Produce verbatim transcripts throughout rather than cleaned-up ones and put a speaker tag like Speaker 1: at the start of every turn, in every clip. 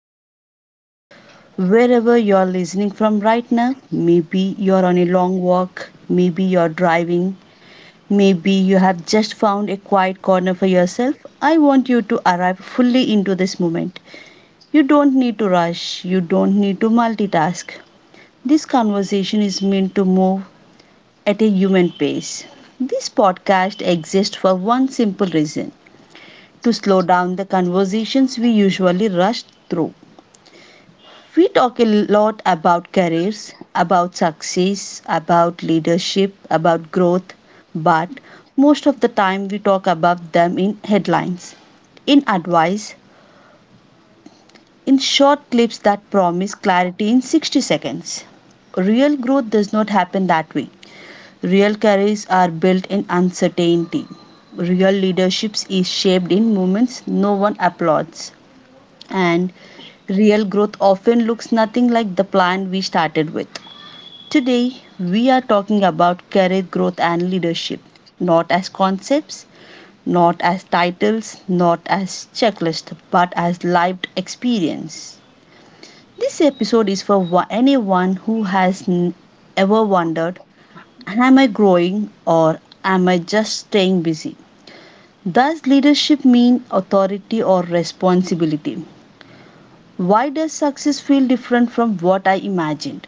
Speaker 1: you're here. Wherever you're listening from right now, maybe you're on a long walk, maybe you're driving, maybe you have just found a quiet corner for yourself. I want you to arrive fully into this moment. You don't need to rush, you don't need to multitask. This conversation is meant to move at a human pace. This podcast exists for one simple reason to slow down the conversations we usually rush through. We talk a lot about careers, about success, about leadership, about growth, but most of the time we talk about them in headlines, in advice, in short clips that promise clarity in sixty seconds. Real growth does not happen that way. Real careers are built in uncertainty. Real leadership is shaped in moments no one applauds. And real growth often looks nothing like the plan we started with. Today, we are talking about career growth and leadership, not as concepts, not as titles, not as checklists, but as lived experience. This episode is for wa- anyone who has n- ever wondered, am I growing or am I just staying busy? Does leadership mean authority or responsibility? Why does success feel different from what I imagined?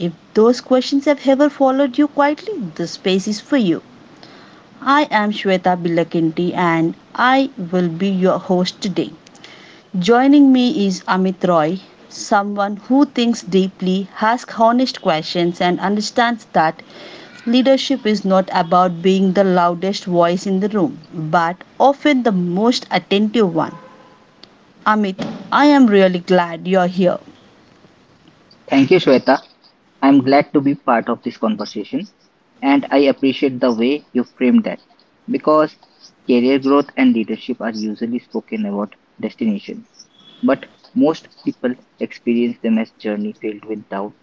Speaker 1: If those questions have ever followed you quietly, this space is for you. I am Shweta Bilakinti and I will be your host today. Joining me is Amit Roy, someone who thinks deeply, asks honest questions, and understands that leadership is not about being the loudest voice in the room, but often the most attentive one. Amit, I am really glad you're here.
Speaker 2: Thank you, Shweta. I'm glad to be part of this conversation, and I appreciate the way you framed that, because career growth and leadership are usually spoken about destinations, but most people experience them as journey filled with doubt,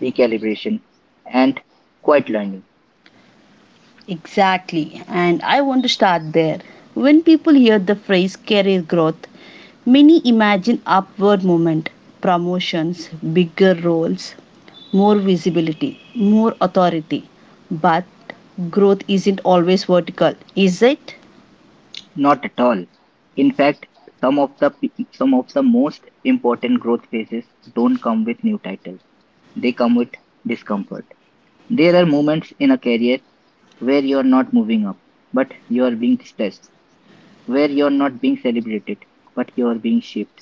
Speaker 2: recalibration, and quiet learning.
Speaker 1: Exactly, and I want to start there. When people hear the phrase career growth, many imagine upward movement, promotions, bigger roles, more visibility, more authority. But growth isn't always vertical, is it?
Speaker 2: Not at all. In fact, some of the pe- some of the most important growth phases don't come with new titles. They come with discomfort. There are moments in a career where you're not moving up, but you're being stressed, where you're not being celebrated, but you're being shaped.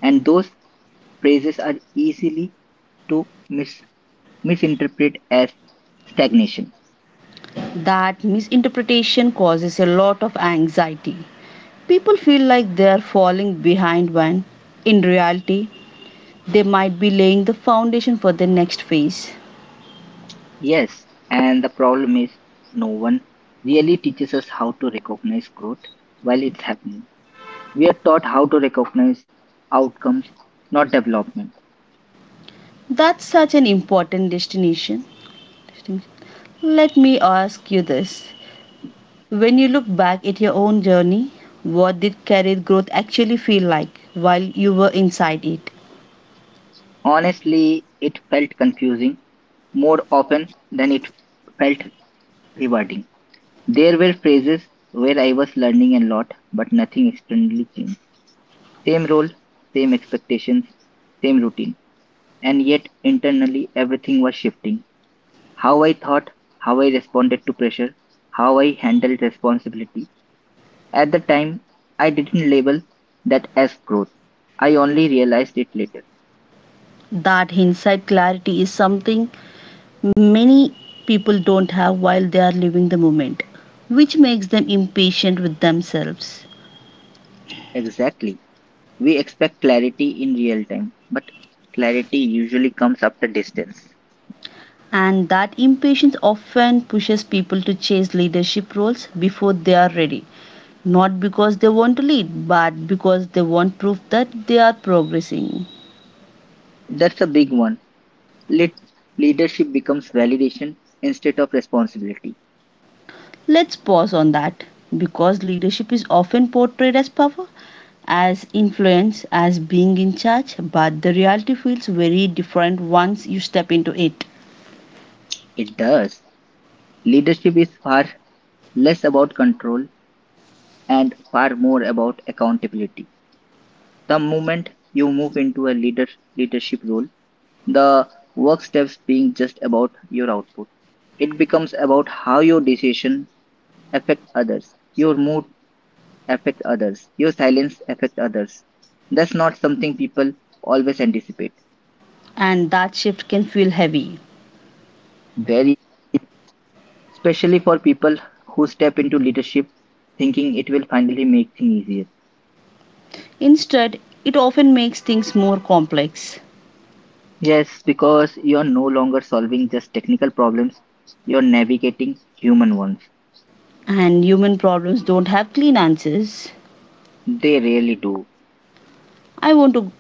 Speaker 2: And those praises are easily to mis- misinterpret as stagnation.
Speaker 1: That misinterpretation causes a lot of anxiety. People feel like they are falling behind when, in reality, they might be laying the foundation for the next phase.
Speaker 2: Yes, and the problem is no one really teaches us how to recognize growth while it's happening. We are taught how to recognize outcomes, not development.
Speaker 1: That's such an important destination. Let me ask you this. When you look back at your own journey, what did career growth actually feel like while you were inside it?
Speaker 2: Honestly, it felt confusing more often than it felt rewarding. There were phases where I was learning a lot, but nothing externally changed. Same role, same expectations, same routine. And yet, internally, everything was shifting. How I thought, how I responded to pressure, how I handled responsibility. At the time, I didn't label that as growth. I only realized it later.
Speaker 1: That hindsight clarity is something many people don't have while they are living the moment, which makes them impatient with themselves.
Speaker 2: Exactly. We expect clarity in real time, but clarity usually comes after distance.
Speaker 1: And that impatience often pushes people to chase leadership roles before they are ready, not because they want to lead, but because they want proof that they are progressing.
Speaker 2: That's a big one. Let leadership becomes validation instead of responsibility.
Speaker 1: Let's pause on that because leadership is often portrayed as power, as influence, as being in charge, but the reality feels very different once you step into it,
Speaker 2: It does. Leadership is far less about control and far more about accountability. The moment you move into a leader leadership role, the work steps being just about your output. It becomes about how your decision affect others, your mood affect others, your silence affect others. That's not something people always anticipate.
Speaker 1: and that shift can feel heavy.
Speaker 2: Very especially for people who step into leadership thinking it will finally make things easier.
Speaker 1: Instead, it often makes things more complex,
Speaker 2: Yes, because you're no longer solving just technical problems, you're navigating human ones.
Speaker 1: and human problems don't have clean answers.
Speaker 2: They really do.
Speaker 1: I want to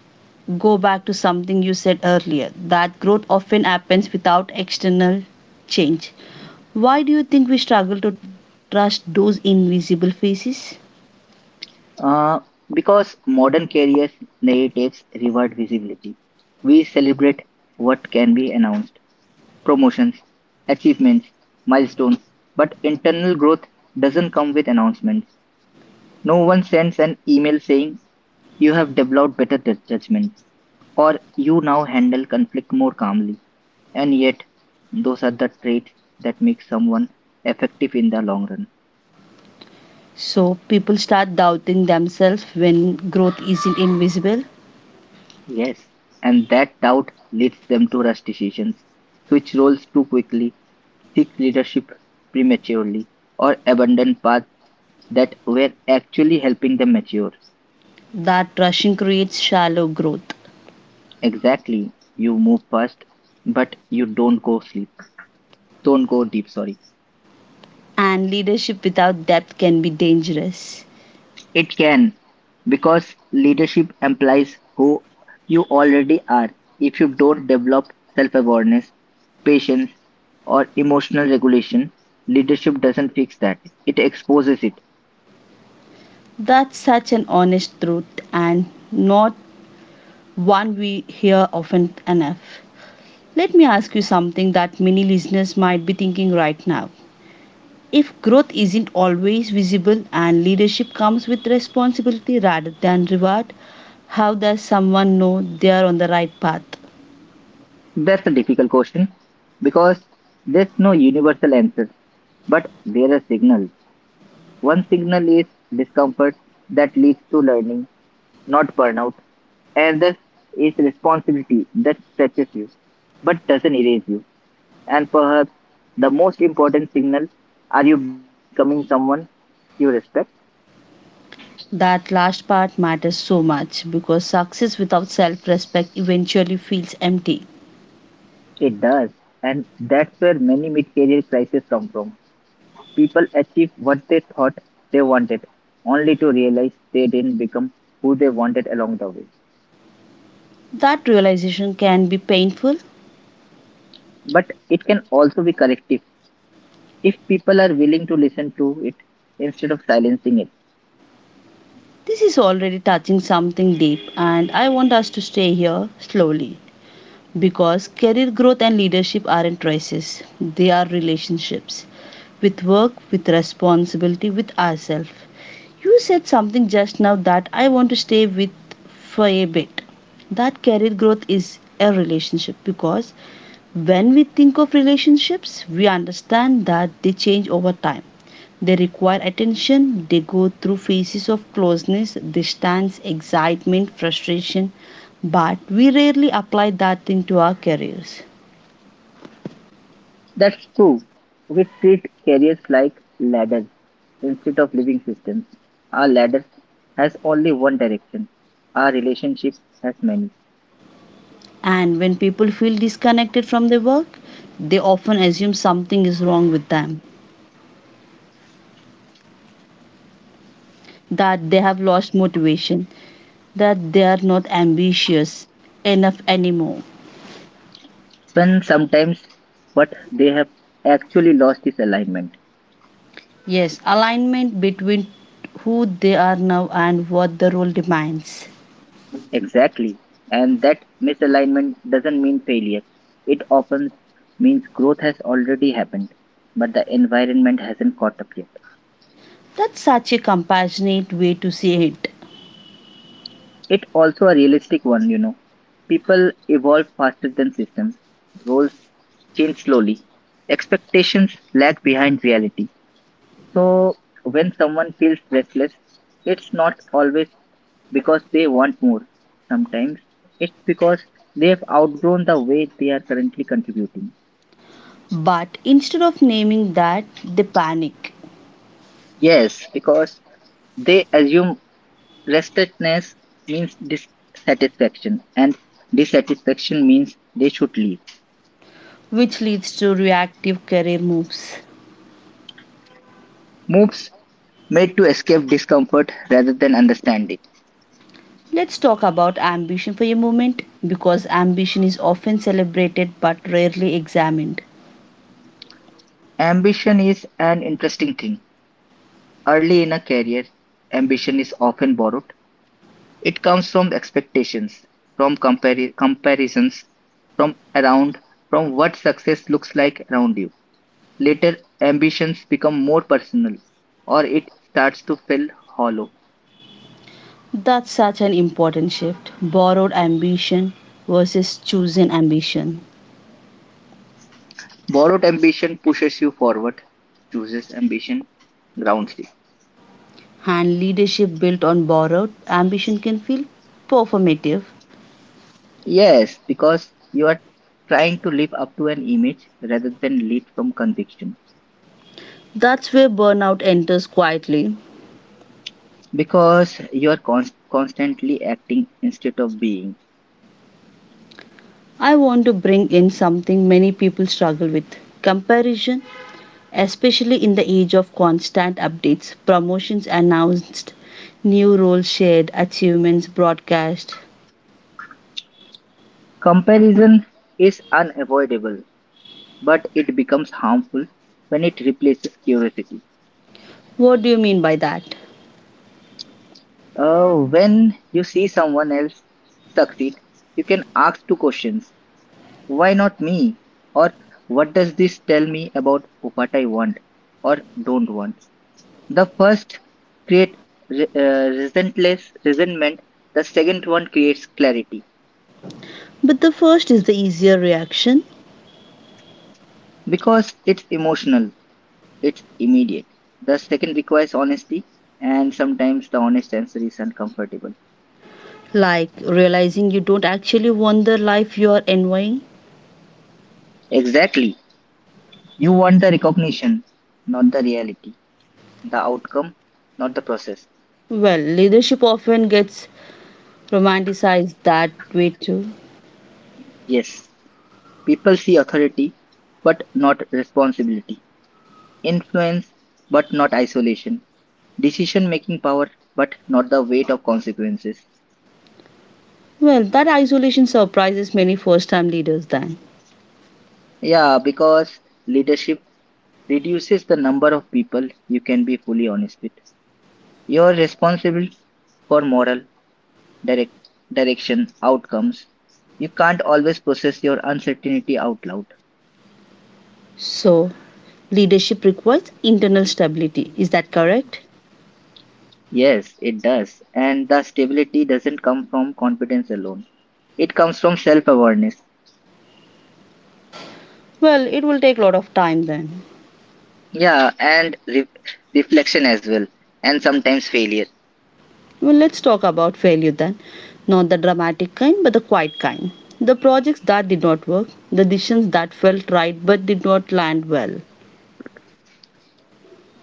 Speaker 1: go back to something you said earlier that growth often happens without external change. Why do you think we struggle to trust those invisible faces?
Speaker 2: Uh, because modern careers narratives reward visibility. We celebrate what can be announced promotions, achievements, milestones, but internal growth doesn't come with announcements. No one sends an email saying you have developed better ju- judgment or you now handle conflict more calmly. And yet, those are the traits that make someone effective in the long run.
Speaker 1: So people start doubting themselves when growth isn't invisible.
Speaker 2: Yes. And that doubt leads them to rush decisions, switch roles too quickly, seek leadership prematurely, or abandon paths that were actually helping them mature.
Speaker 1: That rushing creates shallow growth,
Speaker 2: Exactly. You move fast, but you don't go sleep. Don't go deep, sorry.
Speaker 1: and leadership without depth can be dangerous.
Speaker 2: It can, because leadership implies who you already are. If you don't develop self awareness, patience, or emotional regulation, leadership doesn't fix that. It exposes it.
Speaker 1: That's such an honest truth, and not one we hear often enough. Let me ask you something that many listeners might be thinking right now. If growth isn't always visible and leadership comes with responsibility rather than reward, how does someone know they are on the right path?
Speaker 2: That's a difficult question because there's no universal answer, but there are signals. One signal is discomfort that leads to learning, not burnout, and the is responsibility that stretches you but doesn't erase you. And perhaps the most important signal are you becoming someone you respect?
Speaker 1: That last part matters so much because success without self respect eventually feels empty.
Speaker 2: It does. And that's where many mid career crises come from. People achieve what they thought they wanted, only to realize they didn't become who they wanted along the way.
Speaker 1: That realization can be painful.
Speaker 2: But it can also be corrective if people are willing to listen to it instead of silencing it.
Speaker 1: This is already touching something deep, and I want us to stay here slowly because career growth and leadership aren't choices, they are relationships with work, with responsibility, with ourselves. You said something just now that I want to stay with for a bit. That career growth is a relationship because when we think of relationships, we understand that they change over time. They require attention, they go through phases of closeness, distance, excitement, frustration, but we rarely apply that thing to our careers.
Speaker 2: That's true. We treat careers like ladders instead of living systems. Our ladder has only one direction. Our relationship has many.
Speaker 1: And when people feel disconnected from their work, they often assume something is wrong with them, that they have lost motivation, that they are not ambitious enough anymore.
Speaker 2: When sometimes what they have actually lost is alignment.
Speaker 1: Yes, alignment between who they are now and what the role demands.
Speaker 2: Exactly. And that misalignment doesn't mean failure. It often means growth has already happened, but the environment hasn't caught up yet.
Speaker 1: That's such a compassionate way to see it.
Speaker 2: It also a realistic one, you know. People evolve faster than systems. Roles change slowly. Expectations lag behind reality. So when someone feels restless, it's not always because they want more. Sometimes it's because they have outgrown the way they are currently contributing.
Speaker 1: But instead of naming that, they panic,
Speaker 2: Yes, because they assume restlessness means dissatisfaction, and dissatisfaction means they should leave.
Speaker 1: which leads to reactive career moves.
Speaker 2: Moves made to escape discomfort rather than understand it.
Speaker 1: Let's talk about ambition for a moment because ambition is often celebrated but rarely examined.
Speaker 2: Ambition is an interesting thing. Early in a career, ambition is often borrowed. It comes from expectations, from compari- comparisons, from around, from what success looks like around you. Later, ambitions become more personal or it starts to feel hollow.
Speaker 1: That's such an important shift, borrowed ambition versus chosen ambition.
Speaker 2: Borrowed ambition pushes you forward, chooses ambition grounds you.
Speaker 1: And leadership built on borrowed ambition can feel performative.
Speaker 2: Yes, because you are trying to live up to an image rather than lead from conviction.
Speaker 1: That's where burnout enters quietly.
Speaker 2: Because you are const- constantly acting instead of being.
Speaker 1: I want to bring in something many people struggle with, comparison, especially in the age of constant updates, promotions announced, new roles shared, achievements broadcast.
Speaker 2: Comparison is unavoidable, but it becomes harmful when it replaces curiosity.
Speaker 1: What do you mean by that?
Speaker 2: Uh, when you see someone else succeed, you can ask two questions why not me? Or what does this tell me about what I want or don't want? The first create re- uh, resentless resentment. The second one creates clarity
Speaker 1: But the first is the easier reaction,
Speaker 2: because it's emotional, it's immediate. The second requires honesty, and sometimes the honest answer is uncomfortable.
Speaker 1: like realizing you don't actually want the life you are envying.
Speaker 2: Exactly. You want the recognition, not the reality, the outcome, not the process.
Speaker 1: Well, leadership often gets romanticized that way too.
Speaker 2: Yes, people see authority, but not responsibility, influence, but not isolation, decision making power, but not the weight of consequences.
Speaker 1: Well, that isolation surprises many first time leaders then.
Speaker 2: Yeah, because leadership reduces the number of people you can be fully honest with. You are responsible for moral direct, direction, outcomes. You can't always process your uncertainty out loud.
Speaker 1: So, leadership requires internal stability. Is that correct?
Speaker 2: Yes, it does. And the stability doesn't come from confidence alone, it comes from self awareness.
Speaker 1: Well, it will take a lot of time then.
Speaker 2: Yeah, and re- reflection as well, and sometimes failure.
Speaker 1: Well, let's talk about failure then. Not the dramatic kind, but the quiet kind. The projects that did not work, the decisions that felt right but did not land well.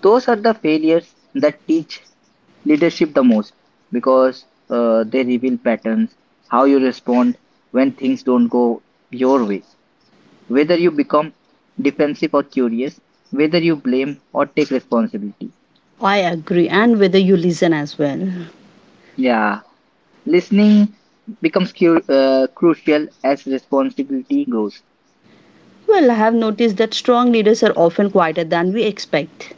Speaker 2: Those are the failures that teach leadership the most because uh, they reveal patterns, how you respond when things don't go your way, whether you become defensive or curious, whether you blame or take responsibility.
Speaker 1: I agree, and whether you listen as well.
Speaker 2: Yeah, listening becomes cu- uh, crucial as responsibility grows.
Speaker 1: Well, I have noticed that strong leaders are often quieter than we expect.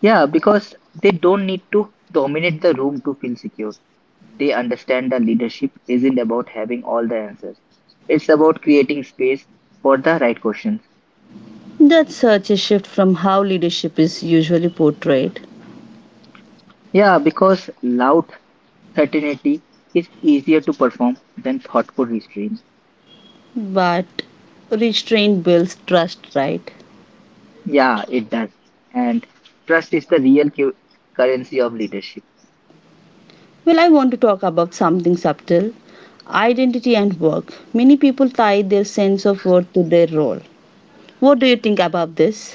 Speaker 2: Yeah, because they don't need to dominate the room to feel secure. They understand that leadership isn't about having all the answers. It's about creating space for the right questions.
Speaker 1: That's such a shift from how leadership is usually portrayed.
Speaker 2: Yeah, because loud certainty is easier to perform than thoughtful restraint.
Speaker 1: But restraint builds trust, right?
Speaker 2: Yeah, it does. And trust is the real cu- currency of leadership.
Speaker 1: Well, I want to talk about something subtle, identity and work. Many people tie their sense of worth to their role. What do you think about this?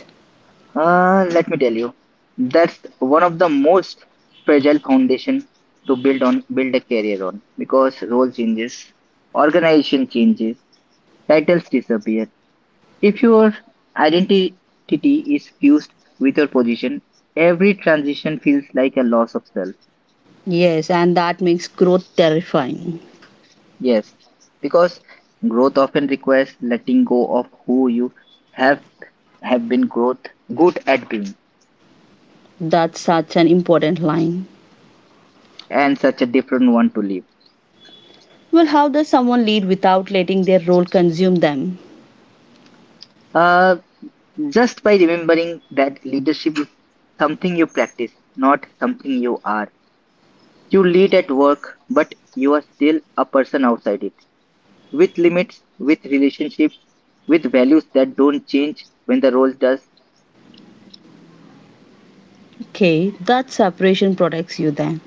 Speaker 2: Uh, let me tell you, that's one of the most fragile foundation to build on, build a career on. Because role changes, organization changes, titles disappear. If your identity is fused with your position, every transition feels like a loss of self.
Speaker 1: Yes, and that makes growth terrifying.
Speaker 2: Yes, because growth often requires letting go of who you have have been growth good at being,
Speaker 1: That's such an important line.
Speaker 2: and such a different one to live.
Speaker 1: Well, how does someone lead without letting their role consume them?
Speaker 2: Uh, just by remembering that leadership is something you practice, not something you are. You lead at work, but you are still a person outside it, with limits, with relationships, with values that don't change when the role does,
Speaker 1: Okay, that separation protects you then,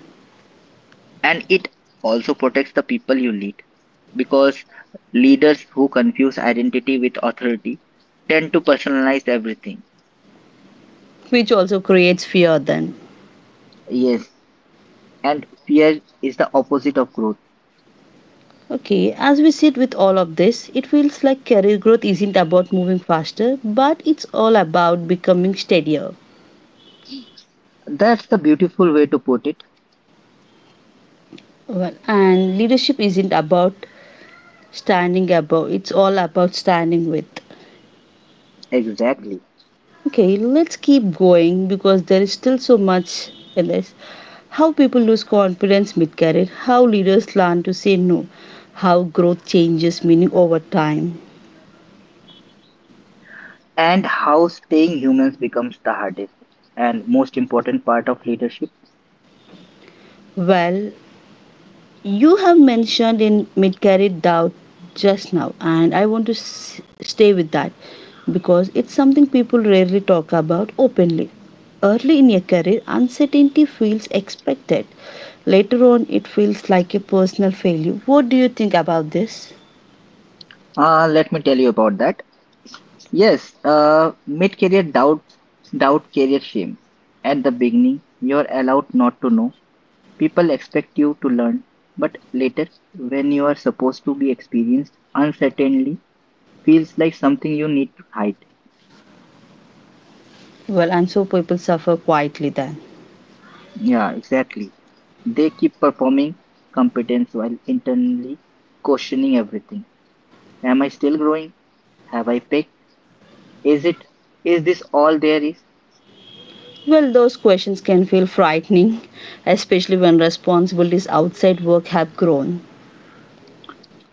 Speaker 2: and it also protects the people you lead because leaders who confuse identity with authority tend to personalize everything.
Speaker 1: which also creates fear then.
Speaker 2: Yes, and fear is the opposite of growth.
Speaker 1: Okay, as we sit with all of this, it feels like career growth isn't about moving faster, but it's all about becoming steadier.
Speaker 2: That's the beautiful way to put it.
Speaker 1: Well, and leadership isn't about standing above, it's all about standing with.
Speaker 2: Exactly.
Speaker 1: Okay, let's keep going because there is still so much in this. How people lose confidence mid career, how leaders learn to say no, how growth changes meaning over time.
Speaker 2: And how staying humans becomes the hardest and most important part of leadership.
Speaker 1: Well, you have mentioned in mid-carried doubt just now, and I want to s- stay with that because it's something people rarely talk about openly. Early in your career, uncertainty feels expected. Later on, it feels like a personal failure. What do you think about this?
Speaker 2: Uh, let me tell you about that. Yes, uh, mid-career doubts, doubt career shame. At the beginning, you're allowed not to know. People expect you to learn, but later, when you are supposed to be experienced, uncertainty feels like something you need to hide.
Speaker 1: Well, and so people suffer quietly then.
Speaker 2: Yeah, exactly. They keep performing competence while internally questioning everything. Am I still growing? Have I picked? Is it? Is this all there is?
Speaker 1: Well, those questions can feel frightening, especially when responsibilities outside work have grown.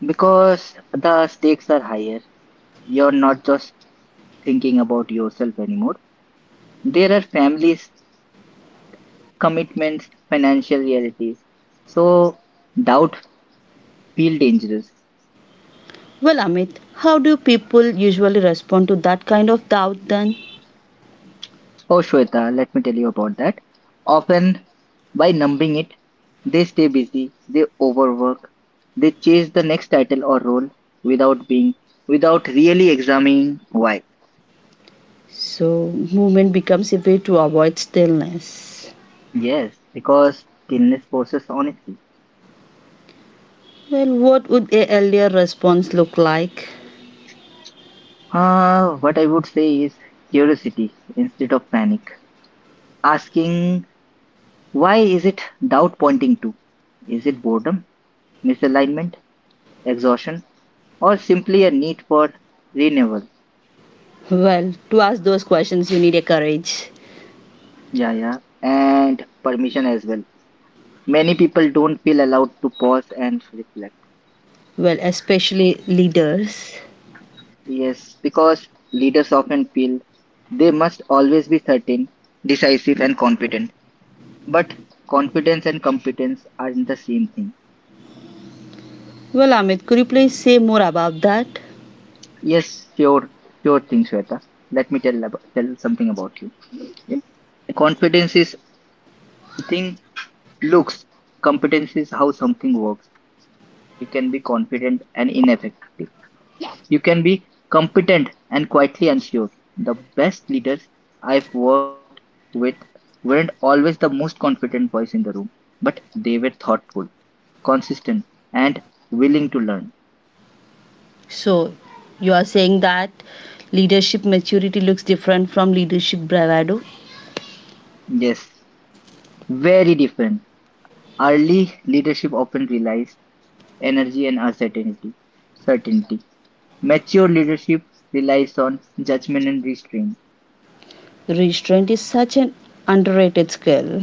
Speaker 2: Because the stakes are higher. You're not just thinking about yourself anymore. There are families, commitments, financial realities. So doubt feel dangerous.
Speaker 1: Well, Amit, how do people usually respond to that kind of doubt then?
Speaker 2: Oh, Shweta, let me tell you about that. Often, by numbing it, they stay busy, they overwork, they chase the next title or role without being, without really examining why.
Speaker 1: So, movement becomes a way to avoid stillness.
Speaker 2: Yes, because stillness forces honesty.
Speaker 1: Well, what would a earlier response look like?
Speaker 2: Uh, what I would say is curiosity instead of panic. Asking, why is it doubt pointing to? Is it boredom, misalignment, exhaustion, or simply a need for renewal?
Speaker 1: Well, to ask those questions, you need a courage.
Speaker 2: Yeah, yeah. And permission as well. Many people don't feel allowed to pause and reflect.
Speaker 1: Well, especially leaders.
Speaker 2: Yes, because leaders often feel they must always be certain, decisive, and confident. But confidence and competence aren't the same thing.
Speaker 1: Well, Amit, could you please say more about that?
Speaker 2: Yes, sure, sure thing, Shweta. Let me tell about, Tell something about you. Yeah. Confidence is thing looks. Competence is how something works. You can be confident and ineffective. You can be competent and quietly unsure. The best leaders I've worked with weren't always the most confident voice in the room, but they were thoughtful, consistent, and willing to learn.
Speaker 1: So, you are saying that leadership maturity looks different from leadership bravado.
Speaker 2: Yes, very different. Early leadership often relies energy and uncertainty. Certainty. Mature leadership relies on judgment and restraint.
Speaker 1: Restraint is such an underrated skill.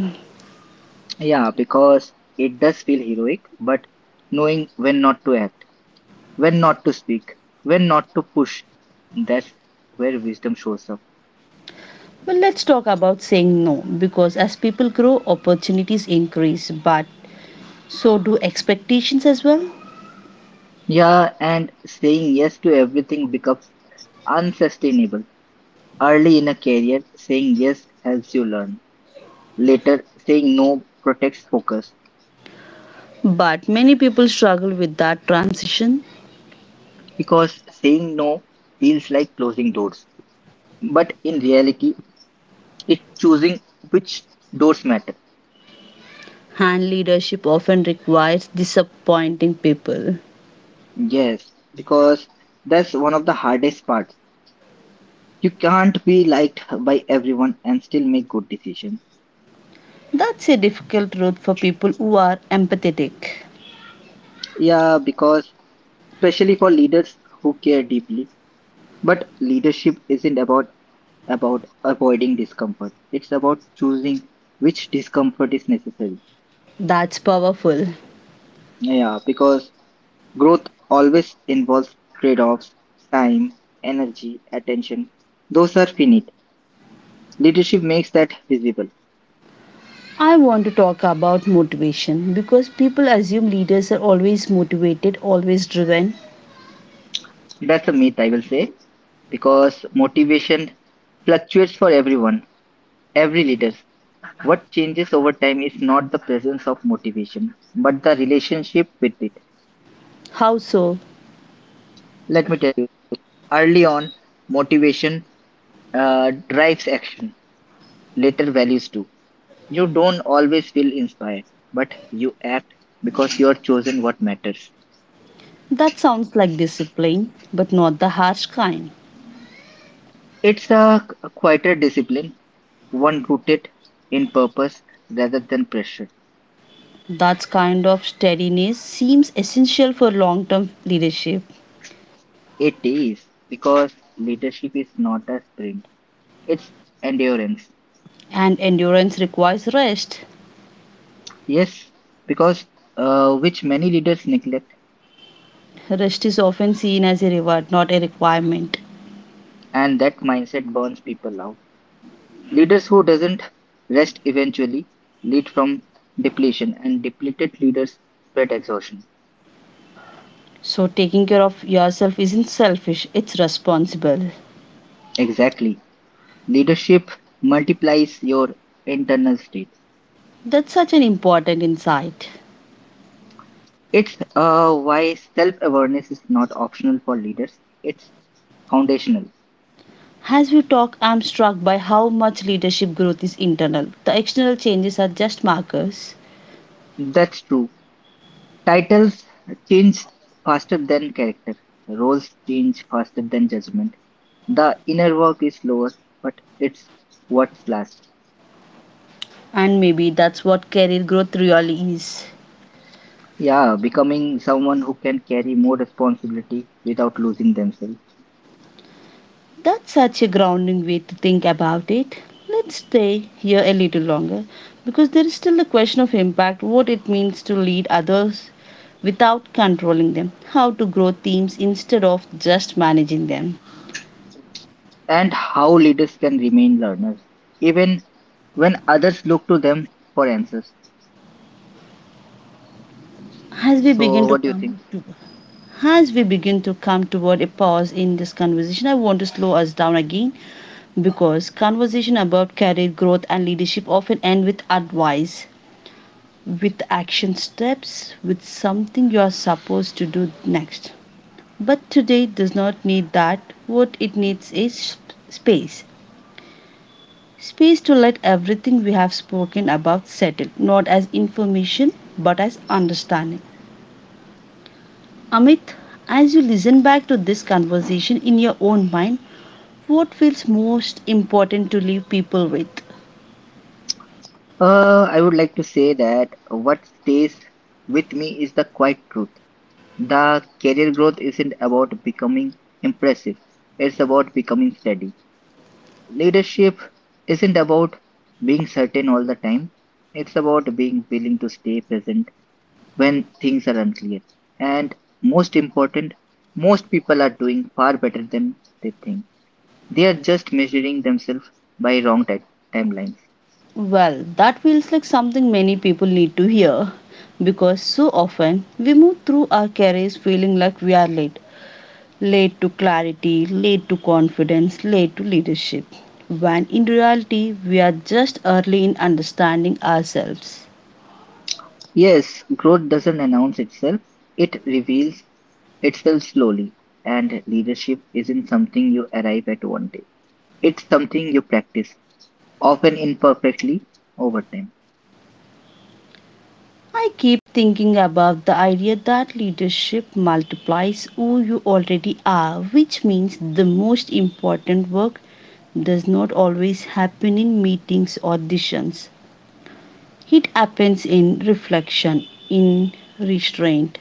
Speaker 2: Yeah, because it does feel heroic, but knowing when not to act when not to speak, when not to push. That's where wisdom shows up.
Speaker 1: Well, let's talk about saying no because as people grow, opportunities increase, but so do expectations as well.
Speaker 2: Yeah, and saying yes to everything becomes unsustainable. Early in a career, saying yes helps you learn. Later, saying no protects focus
Speaker 1: But many people struggle with that transition,
Speaker 2: because saying no feels like closing doors. But in reality, it's choosing which doors matter.
Speaker 1: and leadership often requires disappointing people.
Speaker 2: Yes, because that's one of the hardest parts. You can't be liked by everyone and still make good decisions.
Speaker 1: That's a difficult road for people who are empathetic.
Speaker 2: Yeah, because especially for leaders who care deeply. But leadership isn't about about avoiding discomfort. It's about choosing which discomfort is necessary.
Speaker 1: That's powerful.
Speaker 2: Yeah, because growth always involves trade-offs, time, energy, attention. Those are finite. Leadership makes that visible.
Speaker 1: I want to talk about motivation because people assume leaders are always motivated, always driven.
Speaker 2: That's a myth, I will say, because motivation fluctuates for everyone, every leader. What changes over time is not the presence of motivation, but the relationship with it.
Speaker 1: How so?
Speaker 2: Let me tell you, early on, motivation uh, drives action, later, values do. You don't always feel inspired, but you act because you are chosen what matters.
Speaker 1: That sounds like discipline, but not the harsh kind.
Speaker 2: It's a quieter discipline, one rooted in purpose rather than pressure.
Speaker 1: That kind of steadiness seems essential for long term leadership,
Speaker 2: It is because leadership is not a sprint, it's endurance.
Speaker 1: and endurance requires rest.
Speaker 2: Yes, because uh, which many leaders neglect,
Speaker 1: Rest is often seen as a reward, not a requirement.
Speaker 2: and that mindset burns people out. Leaders who doesn't rest eventually lead from depletion, and depleted leaders spread exhaustion.
Speaker 1: So, taking care of yourself isn't selfish, it's responsible.
Speaker 2: Exactly, leadership multiplies your internal state.
Speaker 1: That's such an important insight.
Speaker 2: It's uh, why self-awareness is not optional for leaders; it's foundational.
Speaker 1: As we talk, I'm struck by how much leadership growth is internal. The external changes are just markers,
Speaker 2: That's true. Titles change faster than character. Roles change faster than judgment. The inner work is slower, but it's what's last.
Speaker 1: and maybe that's what career growth really is.
Speaker 2: Yeah, becoming someone who can carry more responsibility without losing themselves.
Speaker 1: That's such a grounding way to think about it. Let's stay here a little longer because there is still the question of impact, what it means to lead others without controlling them, how to grow teams instead of just managing them.
Speaker 2: And how leaders can remain learners, even when others look to them for answers.
Speaker 1: As we begin
Speaker 2: So,
Speaker 1: to
Speaker 2: what do you think?
Speaker 1: come to as we begin to come toward a pause in this conversation, I want to slow us down again because conversation about career growth and leadership often end with advice, with action steps, with something you are supposed to do next. But today does not need that. What it needs is sp- space. Space to let everything we have spoken about settle, not as information, but as understanding. Amit, as you listen back to this conversation in your own mind, what feels most important to leave people with?
Speaker 2: Uh, I would like to say that what stays with me is the quiet truth. The career growth isn't about becoming impressive, it's about becoming steady. Leadership isn't about being certain all the time. It's about being willing to stay present when things are unclear. And most important, most people are doing far better than they think. They are just measuring themselves by wrong ti- timelines.
Speaker 1: Well, that feels like something many people need to hear because so often we move through our careers feeling like we are late. Late to clarity, late to confidence, late to leadership. When in reality, we are just early in understanding ourselves.
Speaker 2: Yes, growth doesn't announce itself, it reveals itself slowly. And leadership isn't something you arrive at one day, it's something you practice, often imperfectly, over time.
Speaker 1: I keep thinking about the idea that leadership multiplies who you already are, which means the most important work does not always happen in meetings or auditions. It happens in reflection, in restraint,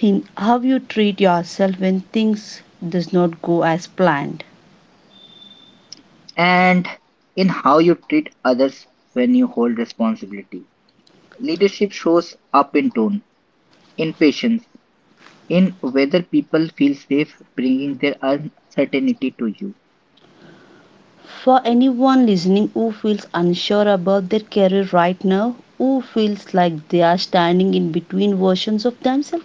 Speaker 1: in how you treat yourself when things does not go as planned.
Speaker 2: And in how you treat others when you hold responsibility. Leadership shows up in tone, in patience, in whether people feel safe bringing their uncertainty to you.
Speaker 1: For anyone listening who feels unsure about their career right now, who feels like they are standing in between versions of themselves,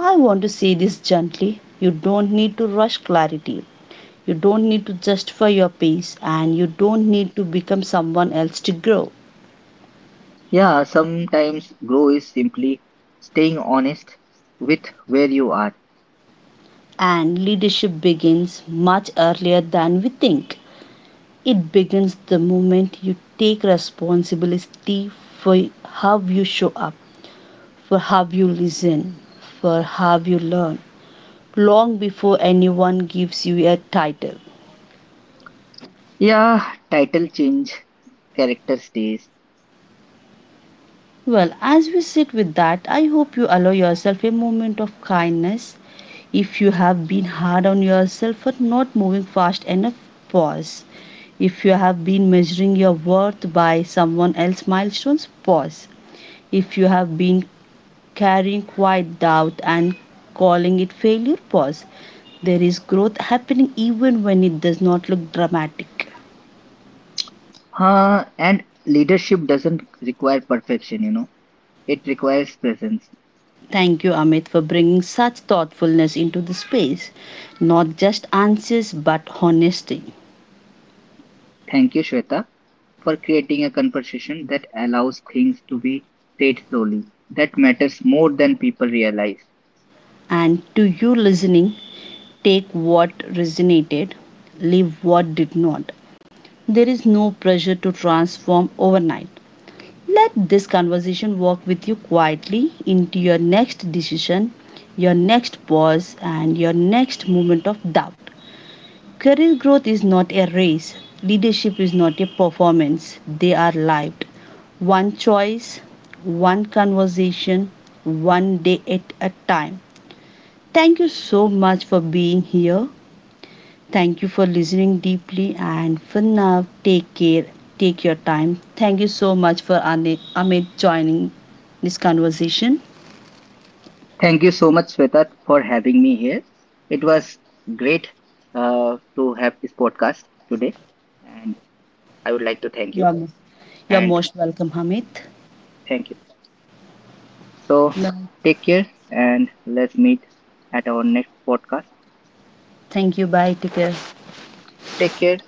Speaker 1: I want to say this gently. You don't need to rush clarity. You don't need to justify your pace and you don't need to become someone else to grow.
Speaker 2: Yeah, sometimes grow is simply staying honest with where you are.
Speaker 1: And leadership begins much earlier than we think. It begins the moment you take responsibility for how you show up, for how you listen, for how you learn, long before anyone gives you a title.
Speaker 2: Yeah, title change, character stays.
Speaker 1: Well, as we sit with that, I hope you allow yourself a moment of kindness. If you have been hard on yourself for not moving fast enough, pause. If you have been measuring your worth by someone else's milestones, pause. If you have been carrying quiet doubt and calling it failure, pause. There is growth happening even when it does not look dramatic.
Speaker 2: Huh, and leadership doesn't require perfection, you know, it requires presence.
Speaker 1: Thank you, Amit, for bringing such thoughtfulness into the space. Not just answers, but honesty.
Speaker 2: Thank you, Shweta, for creating a conversation that allows things to be said slowly. That matters more than people realize.
Speaker 1: And to you listening, take what resonated, leave what did not. There is no pressure to transform overnight. Let this conversation walk with you quietly into your next decision, your next pause, and your next moment of doubt. Career growth is not a race, leadership is not a performance. They are lived. One choice, one conversation, one day at a time. Thank you so much for being here. Thank you for listening deeply and for now, take care, take your time. Thank you so much for Ani- Amit joining this conversation.
Speaker 2: Thank you so much, Sweta, for having me here. It was great uh, to have this podcast today, and I would like to thank you
Speaker 1: You're, you're
Speaker 2: and
Speaker 1: most welcome, Amit.
Speaker 2: thank you. So, take care and let's meet at our next podcast.
Speaker 1: Thank you. Bye. Take care.
Speaker 2: Take care.